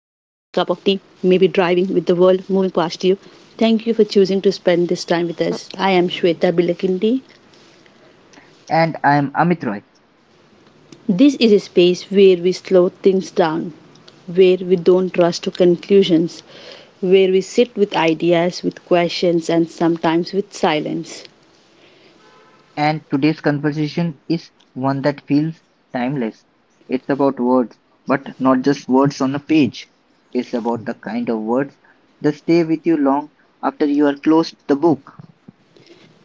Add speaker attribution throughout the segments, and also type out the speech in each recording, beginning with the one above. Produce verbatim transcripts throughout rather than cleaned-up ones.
Speaker 1: maybe driving with the world moving past you. Thank you for choosing to spend this time with us. I am Shweta Bilakindi.
Speaker 2: And I'm Amit Roy,
Speaker 1: This is a space where we slow things down, where we don't rush to conclusions, where we sit with ideas, with questions, and sometimes with silence.
Speaker 2: and today's conversation is one that feels timeless. It's about words, but not just words on a page. It's about the kind of words that stay with you long after you are closed the book.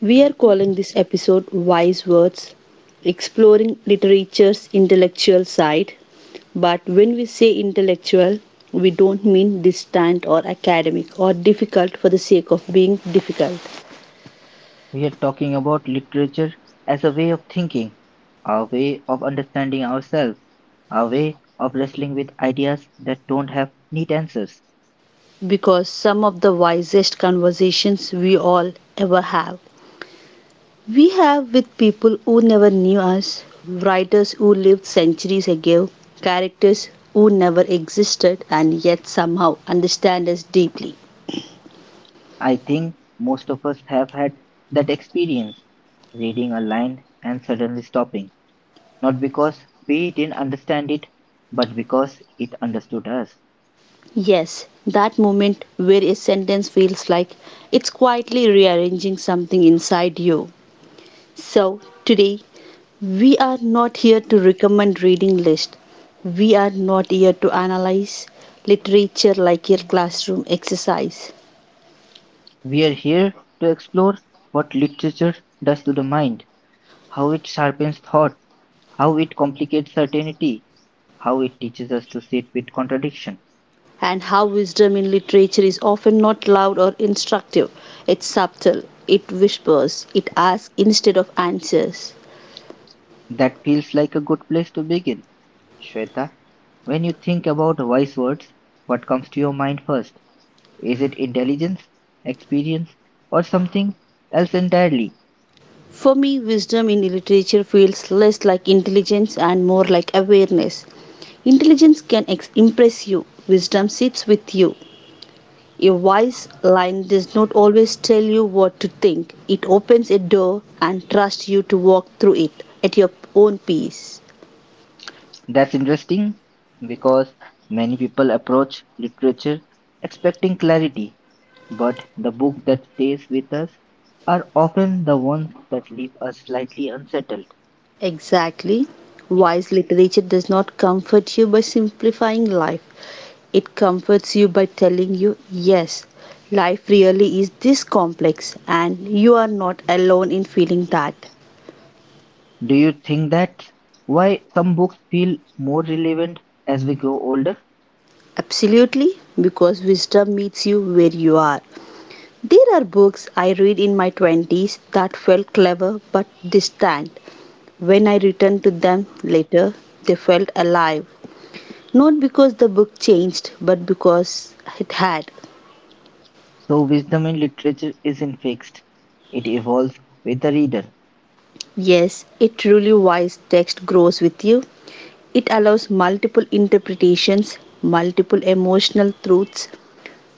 Speaker 1: We are calling this episode Wise Words, exploring literature's intellectual side. But when we say intellectual, we don't mean distant or academic or difficult for the sake of being difficult,
Speaker 2: We are talking about literature as a way of thinking, a way of understanding ourselves, a way of wrestling with ideas that don't have neat answers.
Speaker 1: because some of the wisest conversations we all ever have, we have with people who never knew us, writers who lived centuries ago, characters who never existed and yet somehow understand us deeply.
Speaker 2: I think most of us have had that experience reading a line and suddenly stopping, not because we didn't understand it, but because it understood us.
Speaker 1: Yes, that moment where a sentence feels like it's quietly rearranging something inside you. So, today we are not here to recommend reading list. We are not here to analyze literature like a classroom exercise
Speaker 2: We are here to explore what literature does to the mind, how it sharpens thought, how it complicates certainty, how it teaches us to sit with contradiction.
Speaker 1: and how wisdom in literature is often not loud or instructive. It's subtle. It whispers. It asks instead of answers.
Speaker 2: That feels like a good place to begin, Shweta. When you think about wise words, what comes to your mind first? Is it intelligence, experience, or something else entirely?
Speaker 1: For me, wisdom in literature feels less like intelligence and more like awareness. Intelligence can ex- impress you, wisdom sits with you. A wise line does not always tell you what to think, it opens a door and trusts you to walk through it at your own pace.
Speaker 2: That's interesting because many people approach literature expecting clarity, but the books that stays with us are often the ones that leave us slightly unsettled.
Speaker 1: Exactly. Wise literature does not comfort you by simplifying life. It comforts you by telling you, yes, life really is this complex and you are not alone in feeling that.
Speaker 2: Do you think that's why some books feel more relevant as we grow older?
Speaker 1: Absolutely, because wisdom meets you where you are. There are books I read in my twenties that felt clever but distant. When I returned to them later, they felt alive. Not because the book changed, but because it had.
Speaker 2: So, wisdom in literature isn't fixed, it evolves with the reader.
Speaker 1: Yes, a truly wise text grows with you. It allows multiple interpretations, multiple emotional truths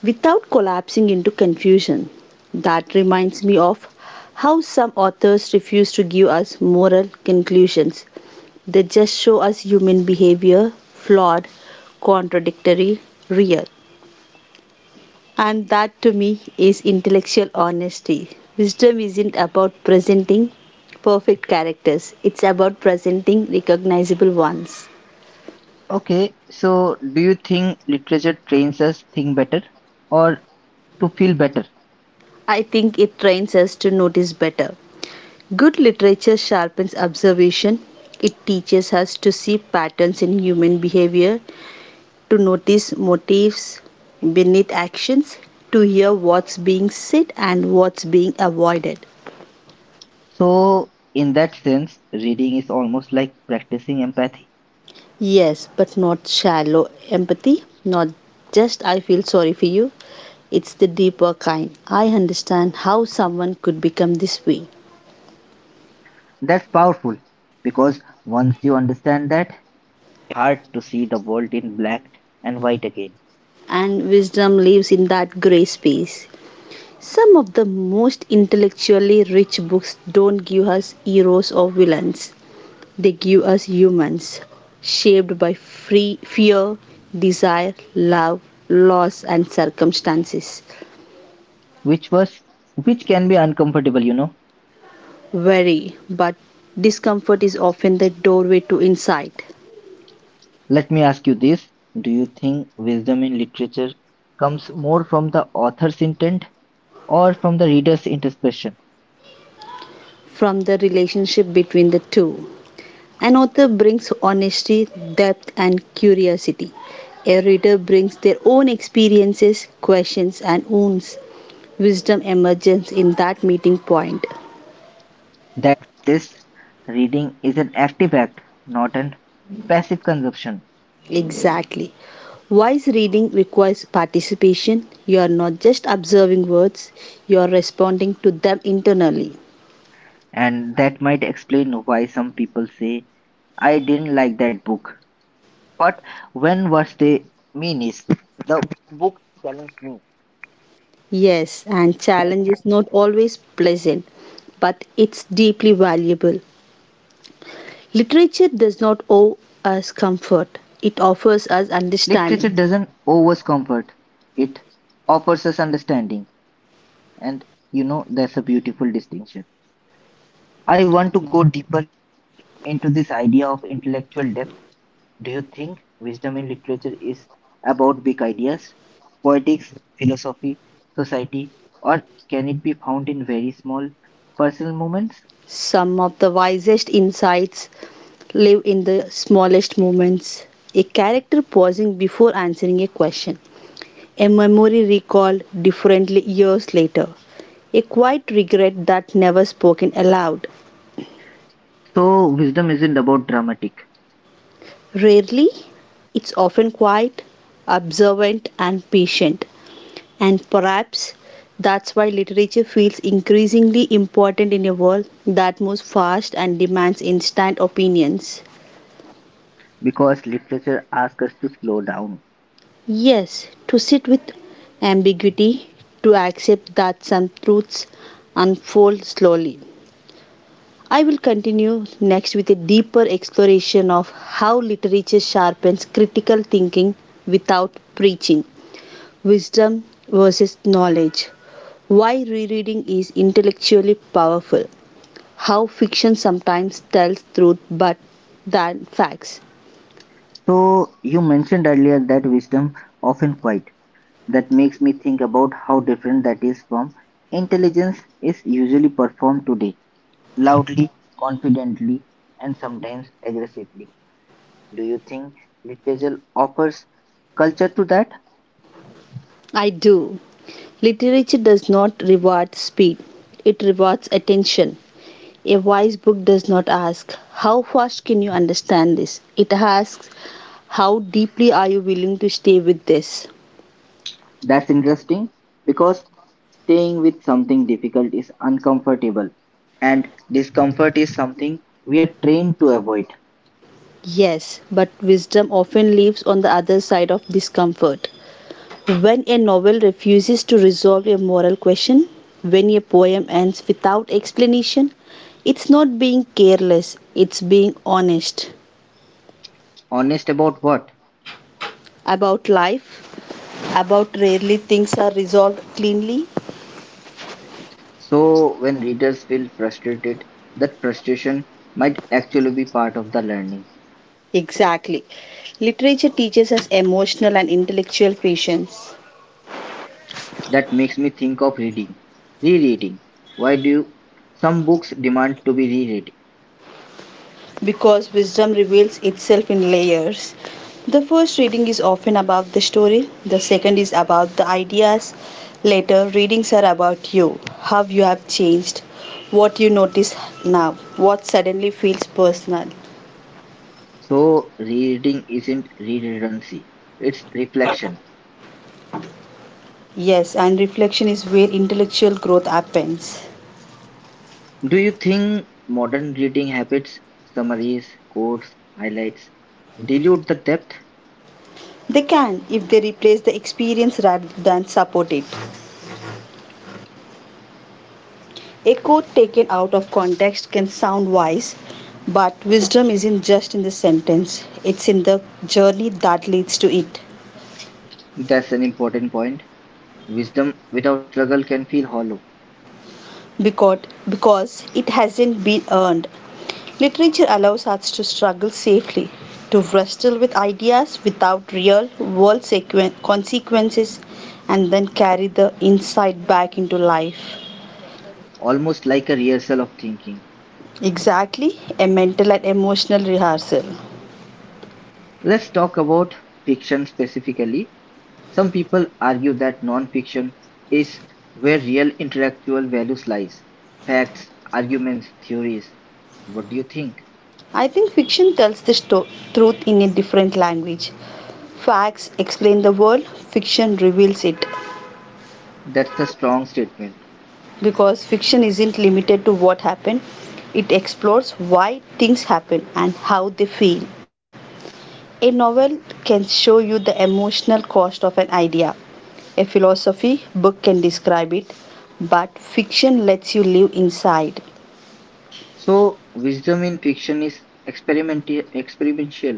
Speaker 1: without collapsing into confusion. That reminds me of how some authors refuse to give us moral conclusions. They just show us human behavior, flawed, contradictory, real. And that to me is intellectual honesty. Wisdom isn't about presenting perfect characters, it's about presenting recognizable ones.
Speaker 2: Okay, so do you think literature trains us think better or to feel better?
Speaker 1: I think it trains us to notice better. Good literature sharpens observation. It teaches us to see patterns in human behavior, to notice motives beneath actions, to hear what's being said and what's being avoided.
Speaker 2: So in that sense, reading is almost like practicing empathy.
Speaker 1: Yes, but not shallow empathy, not just I feel sorry for you. It's the deeper kind. I understand how someone could become this way.
Speaker 2: That's powerful because once you understand that, hard to see the world in black and white again,
Speaker 1: And wisdom lives in that gray space. Some of the most intellectually rich books don't give us heroes or villains. They give us humans, shaped by free fear, desire, love, loss, and circumstances.
Speaker 2: which was which can be uncomfortable, you know.
Speaker 1: Worry, but discomfort is often the doorway to insight
Speaker 2: Let me ask you this. Do you think wisdom in literature comes more from the author's intent or from the reader's interpretation?
Speaker 1: from the relationship between the two. An author brings honesty, depth, and curiosity. A reader brings their own experiences, questions, and wounds. Wisdom emerges in that meeting point.
Speaker 2: That this reading is an active act, not an passive consumption,
Speaker 1: Exactly. Wise reading requires participation. You are not just observing words, you are responding to them internally.
Speaker 2: and that might explain why some people say, I didn't like that book. But when what they mean is, the book challenged me.
Speaker 1: Yes, and challenge is not always pleasant, but it's deeply valuable. Literature does not owe us comfort, it offers us
Speaker 2: Literature
Speaker 1: understanding.
Speaker 2: doesn't owe comfort, it offers us understanding, and you know that's a beautiful distinction. I want to go deeper into this idea of intellectual depth. Do you think wisdom in literature is about big ideas politics, philosophy, society, or can it be found in very small personal moments?
Speaker 1: Some of the wisest insights live in the smallest moments. A character pausing before answering a question. A memory recalled differently years later. A quiet regret that never spoken aloud.
Speaker 2: So, wisdom isn't about dramatic
Speaker 1: Rarely, it's often quiet, observant, and patient. And perhaps that's why literature feels increasingly important in a world that moves fast and demands instant opinions.
Speaker 2: because literature asks us to slow down.
Speaker 1: Yes, to sit with ambiguity, to accept that some truths unfold slowly. I will continue next with a deeper exploration of how literature sharpens critical thinking without preaching, wisdom versus knowledge, why rereading is intellectually powerful, how fiction sometimes tells truth but than facts,
Speaker 2: So, you mentioned earlier that wisdom often quiet. That makes me think about how different that is from intelligence is usually performed today loudly, confidently, and sometimes aggressively. Do you think literature offers culture to that?
Speaker 1: I do. Literature does not reward speed, it rewards attention. A wise book does not ask, how fast can you understand this? It asks, how deeply are you willing to stay with this?
Speaker 2: That's interesting because staying with something difficult is uncomfortable, and discomfort is something we are trained to avoid.
Speaker 1: Yes, but wisdom often lives on the other side of discomfort. When a novel refuses to resolve a moral question, when a poem ends without explanation, it's not being careless, it's being honest
Speaker 2: Honest about what?
Speaker 1: about life, about rarely things are resolved cleanly?
Speaker 2: So, when readers feel frustrated, that frustration might actually be part of the learning.
Speaker 1: Exactly. Literature teaches us emotional and intellectual patience
Speaker 2: That makes me think of reading. Rereading. Why do some books demand to be reread?
Speaker 1: because wisdom reveals itself in layers. The first reading is often about the story, the second is about the ideas. Later, readings are about you, how you have changed, what you notice now, what suddenly feels personal.
Speaker 2: So, rereading isn't redundancy, it's reflection.
Speaker 1: Yes, and reflection is where intellectual growth happens.
Speaker 2: Do you think modern reading habits, summaries, quotes, highlights dilute the depth?
Speaker 1: They can if they replace the experience rather than support it. A quote taken out of context can sound wise, but wisdom isn't just in the sentence, it's in the journey that leads to it
Speaker 2: That's an important point. Wisdom without struggle can feel hollow,
Speaker 1: because, because it hasn't been earned. Literature allows us to struggle safely, to wrestle with ideas without real world sequen- consequences, and then carry the insight back into life.
Speaker 2: almost like a rehearsal of thinking.
Speaker 1: Exactly, a mental and emotional rehearsal.
Speaker 2: Let's talk about fiction specifically. Some people argue that non fiction is where real intellectual values lies facts, arguments, theories. What do you think?
Speaker 1: I think fiction tells the sto- truth in a different language. Facts explain the world, fiction reveals it.
Speaker 2: That's a strong statement.
Speaker 1: Because fiction isn't limited to what happened, it explores why things happen and how they feel. A novel can show you the emotional cost of an idea. A philosophy book can describe it, but fiction lets you live inside.
Speaker 2: So, wisdom in fiction is experimenti- experimental.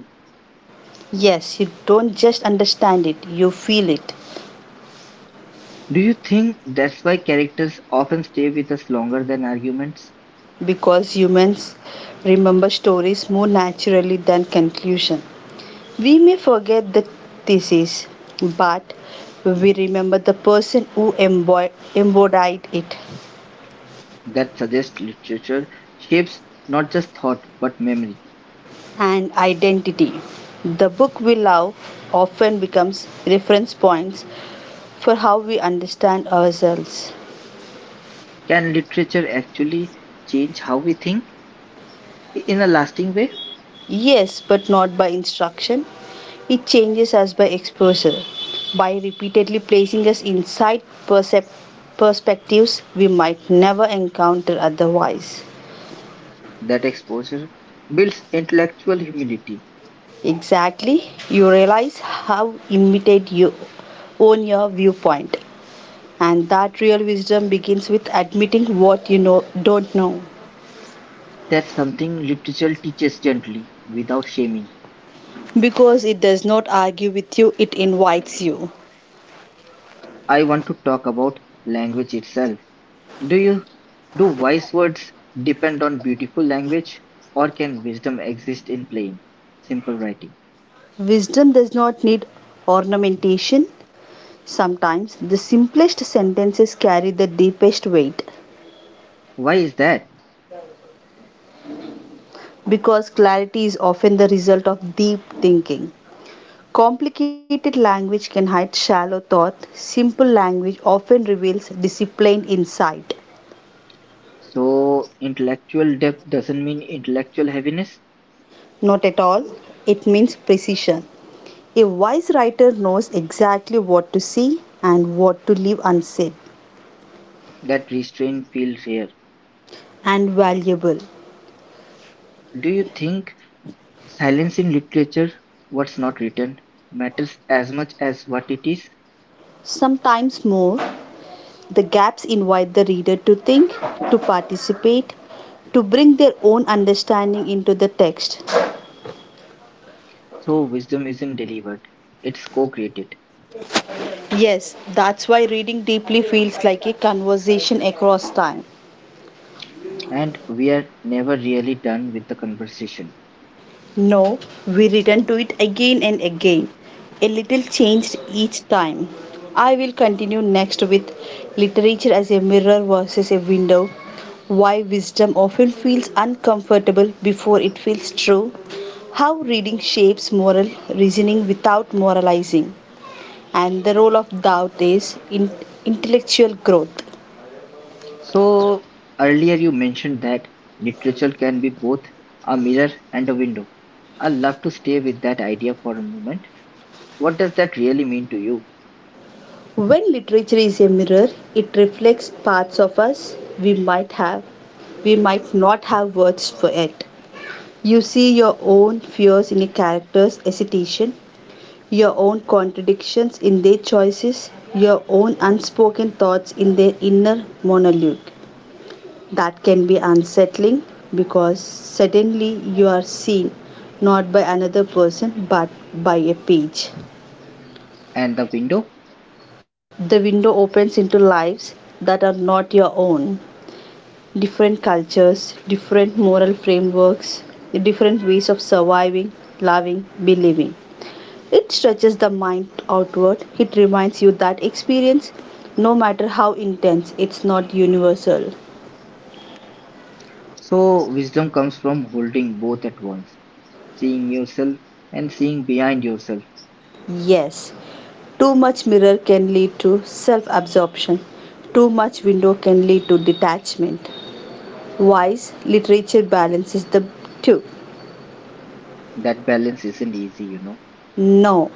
Speaker 1: Yes, you don't just understand it, you feel it.
Speaker 2: Do you think that's why characters often stay with us longer than arguments?
Speaker 1: Because humans remember stories more naturally than conclusion. We may forget the thesis, but we remember the person who embo- embodied it
Speaker 2: That suggests literature shapes not just thought but memory.
Speaker 1: and identity. The book we love often becomes reference points for how we understand ourselves.
Speaker 2: Can literature actually change how we think in a lasting way?
Speaker 1: Yes, but not by instruction, it changes us by exposure. By repeatedly placing us inside percep- perspectives we might never encounter otherwise.
Speaker 2: That exposure builds intellectual humility.
Speaker 1: Exactly, you realize how imitate you own your viewpoint. And that real wisdom begins with admitting what you know don't know.
Speaker 2: That's something literature teaches gently without shaming.
Speaker 1: Because it does not argue with you, it invites you.
Speaker 2: I want to talk about language itself. Do you do wise words depend on beautiful language or can wisdom exist in plain, simple writing?
Speaker 1: Wisdom does not need ornamentation. Sometimes the simplest sentences carry the deepest weight.
Speaker 2: Why is that?
Speaker 1: Because clarity is often the result of deep thinking. Complicated language can hide shallow thought. Simple language often reveals disciplined insight.
Speaker 2: So, intellectual depth doesn't mean intellectual heaviness?
Speaker 1: Not at all, it means precision. A wise writer knows exactly what to say and what to leave unsaid
Speaker 2: That restraint feels fair.
Speaker 1: and valuable.
Speaker 2: Do you think silence in literature, what's not written, matters as much as what it is?
Speaker 1: Sometimes more, the gaps invite the reader to think, to participate, to bring their own understanding into the text.
Speaker 2: So, wisdom isn't delivered, it's co created,
Speaker 1: Yes, that's why reading deeply feels like a conversation across time.
Speaker 2: and we are never really done with the conversation.
Speaker 1: No, we return to it again and again, a little changed each time. I will continue next with literature as a mirror versus a window. Why wisdom often feels uncomfortable before it feels true. How reading shapes moral reasoning without moralizing. And the role of doubt is in intellectual growth.
Speaker 2: So, earlier you mentioned that literature can be both a mirror and a window. I'd love to stay with that idea for a moment. What does that really mean to you?
Speaker 1: When literature is a mirror, it reflects parts of us we might have, we might not have words for it. You see your own fears in a character's hesitation, your own contradictions in their choices, your own unspoken thoughts in their inner monologue. That can be unsettling because suddenly you are seen not by another person but by a page.
Speaker 2: And the window.
Speaker 1: The window opens into lives that are not your own. Different cultures, different moral frameworks, different ways of surviving, loving, believing. It stretches the mind outward. It reminds you that experience, no matter how intense, it's not universal.
Speaker 2: So, wisdom comes from holding both at once, seeing yourself and seeing behind yourself.
Speaker 1: Yes, too much mirror can lead to self absorption, too much window can lead to detachment. Wise literature balances the two.
Speaker 2: That balance isn't easy, you know.
Speaker 1: No,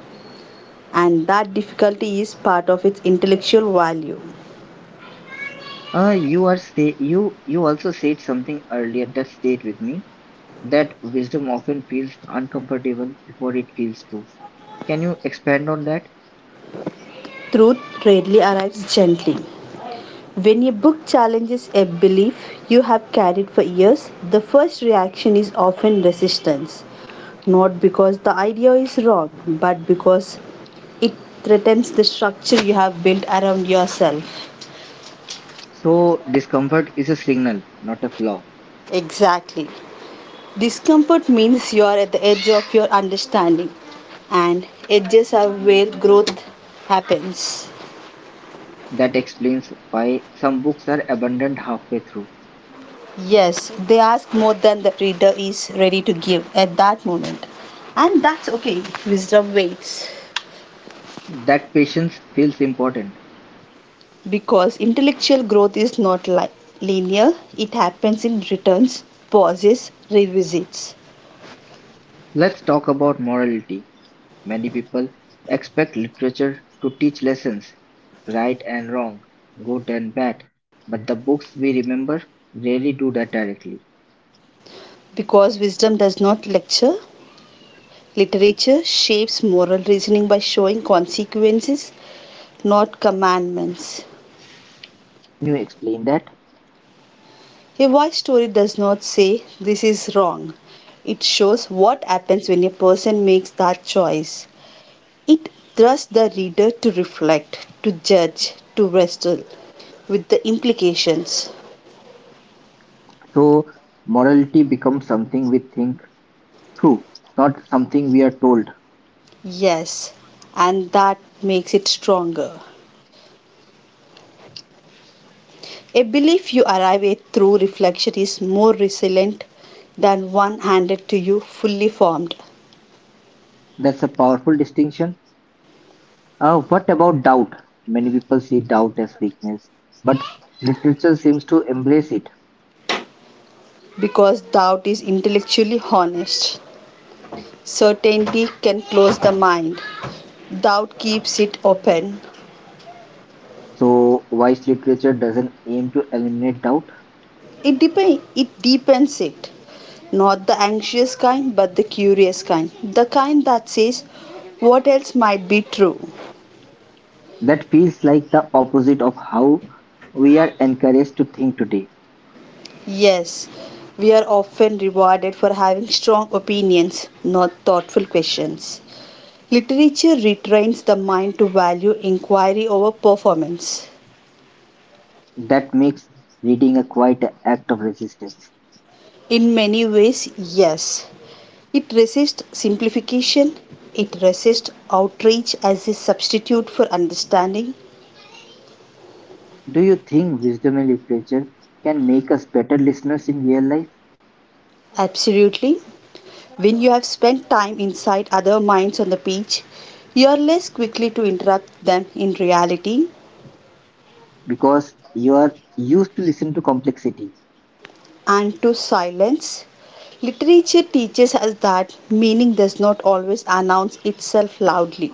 Speaker 1: and that difficulty is part of its intellectual value.
Speaker 2: Uh, you are say you you also said something earlier that stayed with me that wisdom often feels uncomfortable before it feels true. Can you expand on that?
Speaker 1: Truth rarely arrives gently. When a book challenges a belief you have carried for years, the first reaction is often resistance. Not because the idea is wrong, but because it threatens the structure you have built around yourself.
Speaker 2: So, discomfort is a signal, not a flaw.
Speaker 1: Exactly. Discomfort means you are at the edge of your understanding, and edges are where growth happens.
Speaker 2: That explains why some books are abandoned halfway through.
Speaker 1: Yes, they ask more than the reader is ready to give at that moment. And that's okay, wisdom waits.
Speaker 2: That patience feels important.
Speaker 1: Because intellectual growth is not li- linear, it happens in returns, pauses, revisits.
Speaker 2: Let's talk about morality. Many people expect literature to teach lessons, right and wrong, good and bad, but the books we remember rarely do that directly.
Speaker 1: Because wisdom does not lecture, literature shapes moral reasoning by showing consequences, not commandments.
Speaker 2: Can you explain that?
Speaker 1: A wise story does not say this is wrong. It shows what happens when a person makes that choice. It thrusts the reader to reflect, to judge, to wrestle with the implications.
Speaker 2: So, morality becomes something we think through, not something we are told.
Speaker 1: Yes, and that makes it stronger. A belief you arrive at through reflection is more resilient than one handed to you fully formed
Speaker 2: That's a powerful distinction. Uh, what about doubt? Many people see doubt as weakness, but literature seems to embrace it.
Speaker 1: because doubt is intellectually honest. Certainty can close the mind, doubt keeps it open.
Speaker 2: So, wise literature doesn't aim to eliminate doubt.
Speaker 1: It, dep- it deepens it. Not the anxious kind, but the curious kind. The kind that says, what else might be true?
Speaker 2: That feels like the opposite of how we are encouraged to think today.
Speaker 1: Yes, we are often rewarded for having strong opinions, not thoughtful questions. Literature retrains the mind to value inquiry over performance.
Speaker 2: That makes reading a quite an act of resistance.
Speaker 1: In many ways, yes. It resists simplification, it resists outrage as a substitute for understanding.
Speaker 2: Do you think wisdom in literature can make us better listeners in real life?
Speaker 1: Absolutely, when you have spent time inside other minds on the beach, you are less quickly to interrupt them in reality
Speaker 2: Because you are used to listen to complexity.
Speaker 1: and to silence. Literature teaches us that meaning does not always announce itself loudly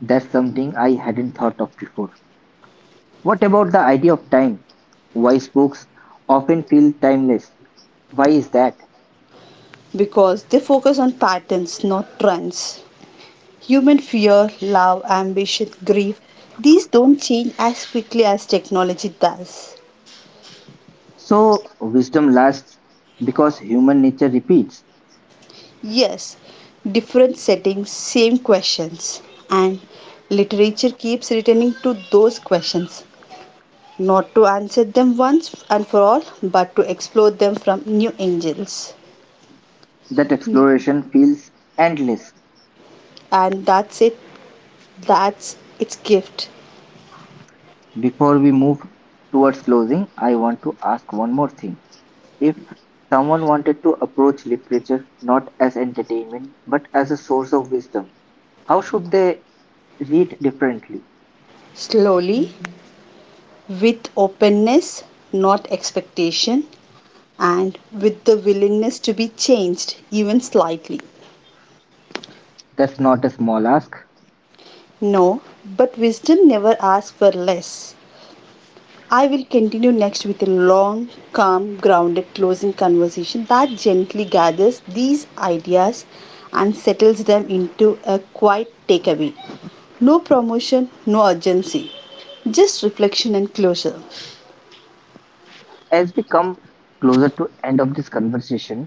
Speaker 2: That's something I hadn't thought of before. What about the idea of time? Wise books often feel timeless. Why is that?
Speaker 1: because they focus on patterns, not trends. Human fear, love, ambition, grief, these don't change as quickly as technology does.
Speaker 2: So, wisdom lasts because human nature repeats.
Speaker 1: Yes, different settings, same questions, and literature keeps returning to those questions, not to answer them once and for all, but to explore them from new angles.
Speaker 2: That exploration feels endless.
Speaker 1: And that's it, that's its gift.
Speaker 2: Before we move towards closing, I want to ask one more thing. If someone wanted to approach literature not as entertainment but as a source of wisdom, how should they read differently?
Speaker 1: Slowly, with openness, not expectation, and with the willingness to be changed, even slightly.
Speaker 2: That's not a small ask.
Speaker 1: No, but wisdom never asks for less. I will continue next with a long, calm, grounded closing conversation that gently gathers these ideas and settles them into a quiet takeaway. No promotion, no urgency, just reflection and closure.
Speaker 2: As we come closer to end of this conversation,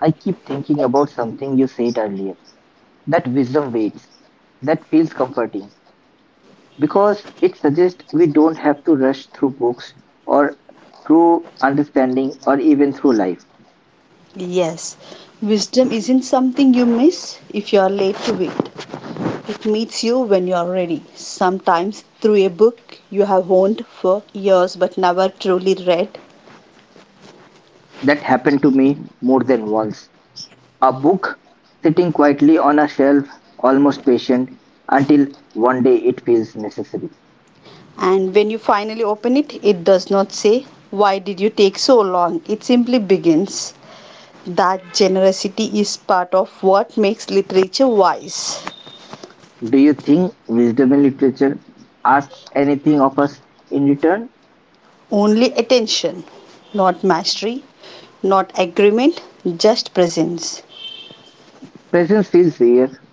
Speaker 2: I keep thinking about something you said earlier. That wisdom waits. That feels comforting, because it suggests we don't have to rush through books or through understanding or even through life.
Speaker 1: Yes, wisdom isn't something you miss if you are late to it. It meets you when you are ready, sometimes through a book you have owned for years but never truly read.
Speaker 2: That happened to me more than once. A book sitting quietly on a shelf, almost patient, until one day it feels necessary.
Speaker 1: And when you finally open it, it does not say, why did you take so long? It simply begins. That generosity is part of what makes literature wise.
Speaker 2: Do you think wisdom in literature asks anything of us in return?
Speaker 1: Only attention, not mastery, not agreement, just presence.
Speaker 2: Presence feels rare.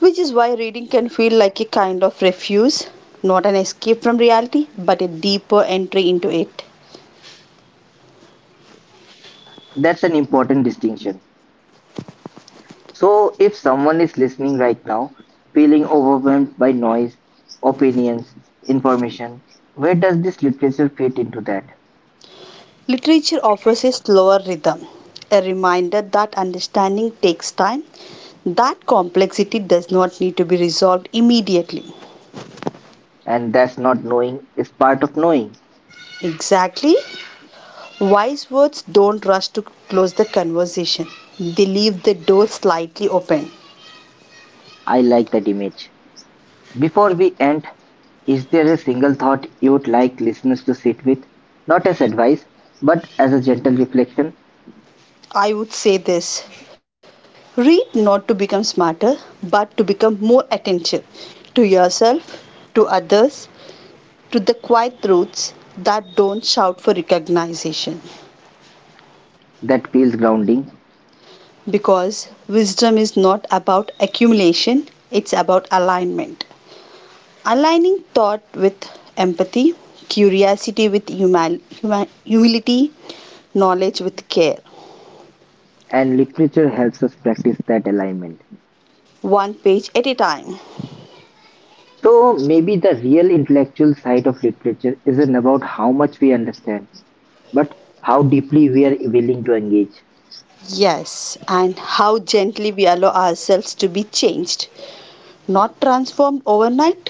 Speaker 1: Which is why reading can feel like a kind of refuge, not an escape from reality, but a deeper entry into it.
Speaker 2: That's an important distinction. So, if someone is listening right now, feeling overwhelmed by noise, opinions, information, where does this literature fit into that?
Speaker 1: Literature offers a slower rhythm, a reminder that understanding takes time, that complexity does not need to be resolved immediately.
Speaker 2: And that's not knowing is part of knowing.
Speaker 1: Exactly. Wise words don't rush to close the conversation, they leave the door slightly open.
Speaker 2: I like that image. Before we end, is there a single thought you would like listeners to sit with? Not as advice, but as a gentle reflection
Speaker 1: I would say this read not to become smarter, but to become more attentive to yourself, to others, to the quiet truths that don't shout for recognition.
Speaker 2: that feels grounding,
Speaker 1: Because wisdom is not about accumulation, it's about alignment. Aligning thought with empathy, curiosity with huma- huma- humility, knowledge with care,
Speaker 2: and literature helps us practice that alignment.
Speaker 1: one page at a time.
Speaker 2: So maybe the real intellectual side of literature isn't about how much we understand, but how deeply we are willing to engage.
Speaker 1: Yes, and how gently we allow ourselves to be changed, not transformed overnight,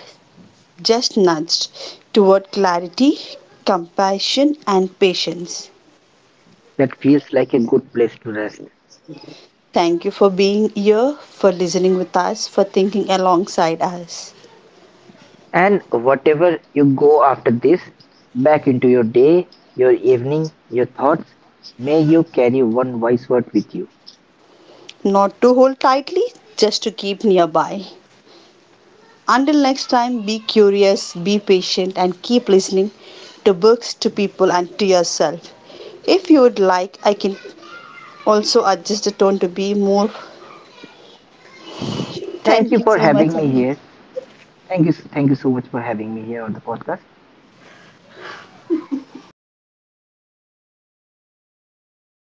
Speaker 1: just nudged toward clarity, compassion, and patience.
Speaker 2: That feels like a good place to rest.
Speaker 1: Thank you for being here, for listening with us, for thinking alongside us.
Speaker 2: And whatever you go after this, back into your day, your evening, your thoughts, may you carry one wise word with you.
Speaker 1: Not to hold tightly, just to keep nearby. Until next time, be curious, be patient, and keep listening to books, to people, and to yourself. If you would like, I can also adjust the tone to be more.
Speaker 2: Thank
Speaker 1: Thank
Speaker 2: you
Speaker 1: you
Speaker 2: for
Speaker 1: so
Speaker 2: having
Speaker 1: much.
Speaker 2: me here. Thank you, thank you so much for having me here on the podcast.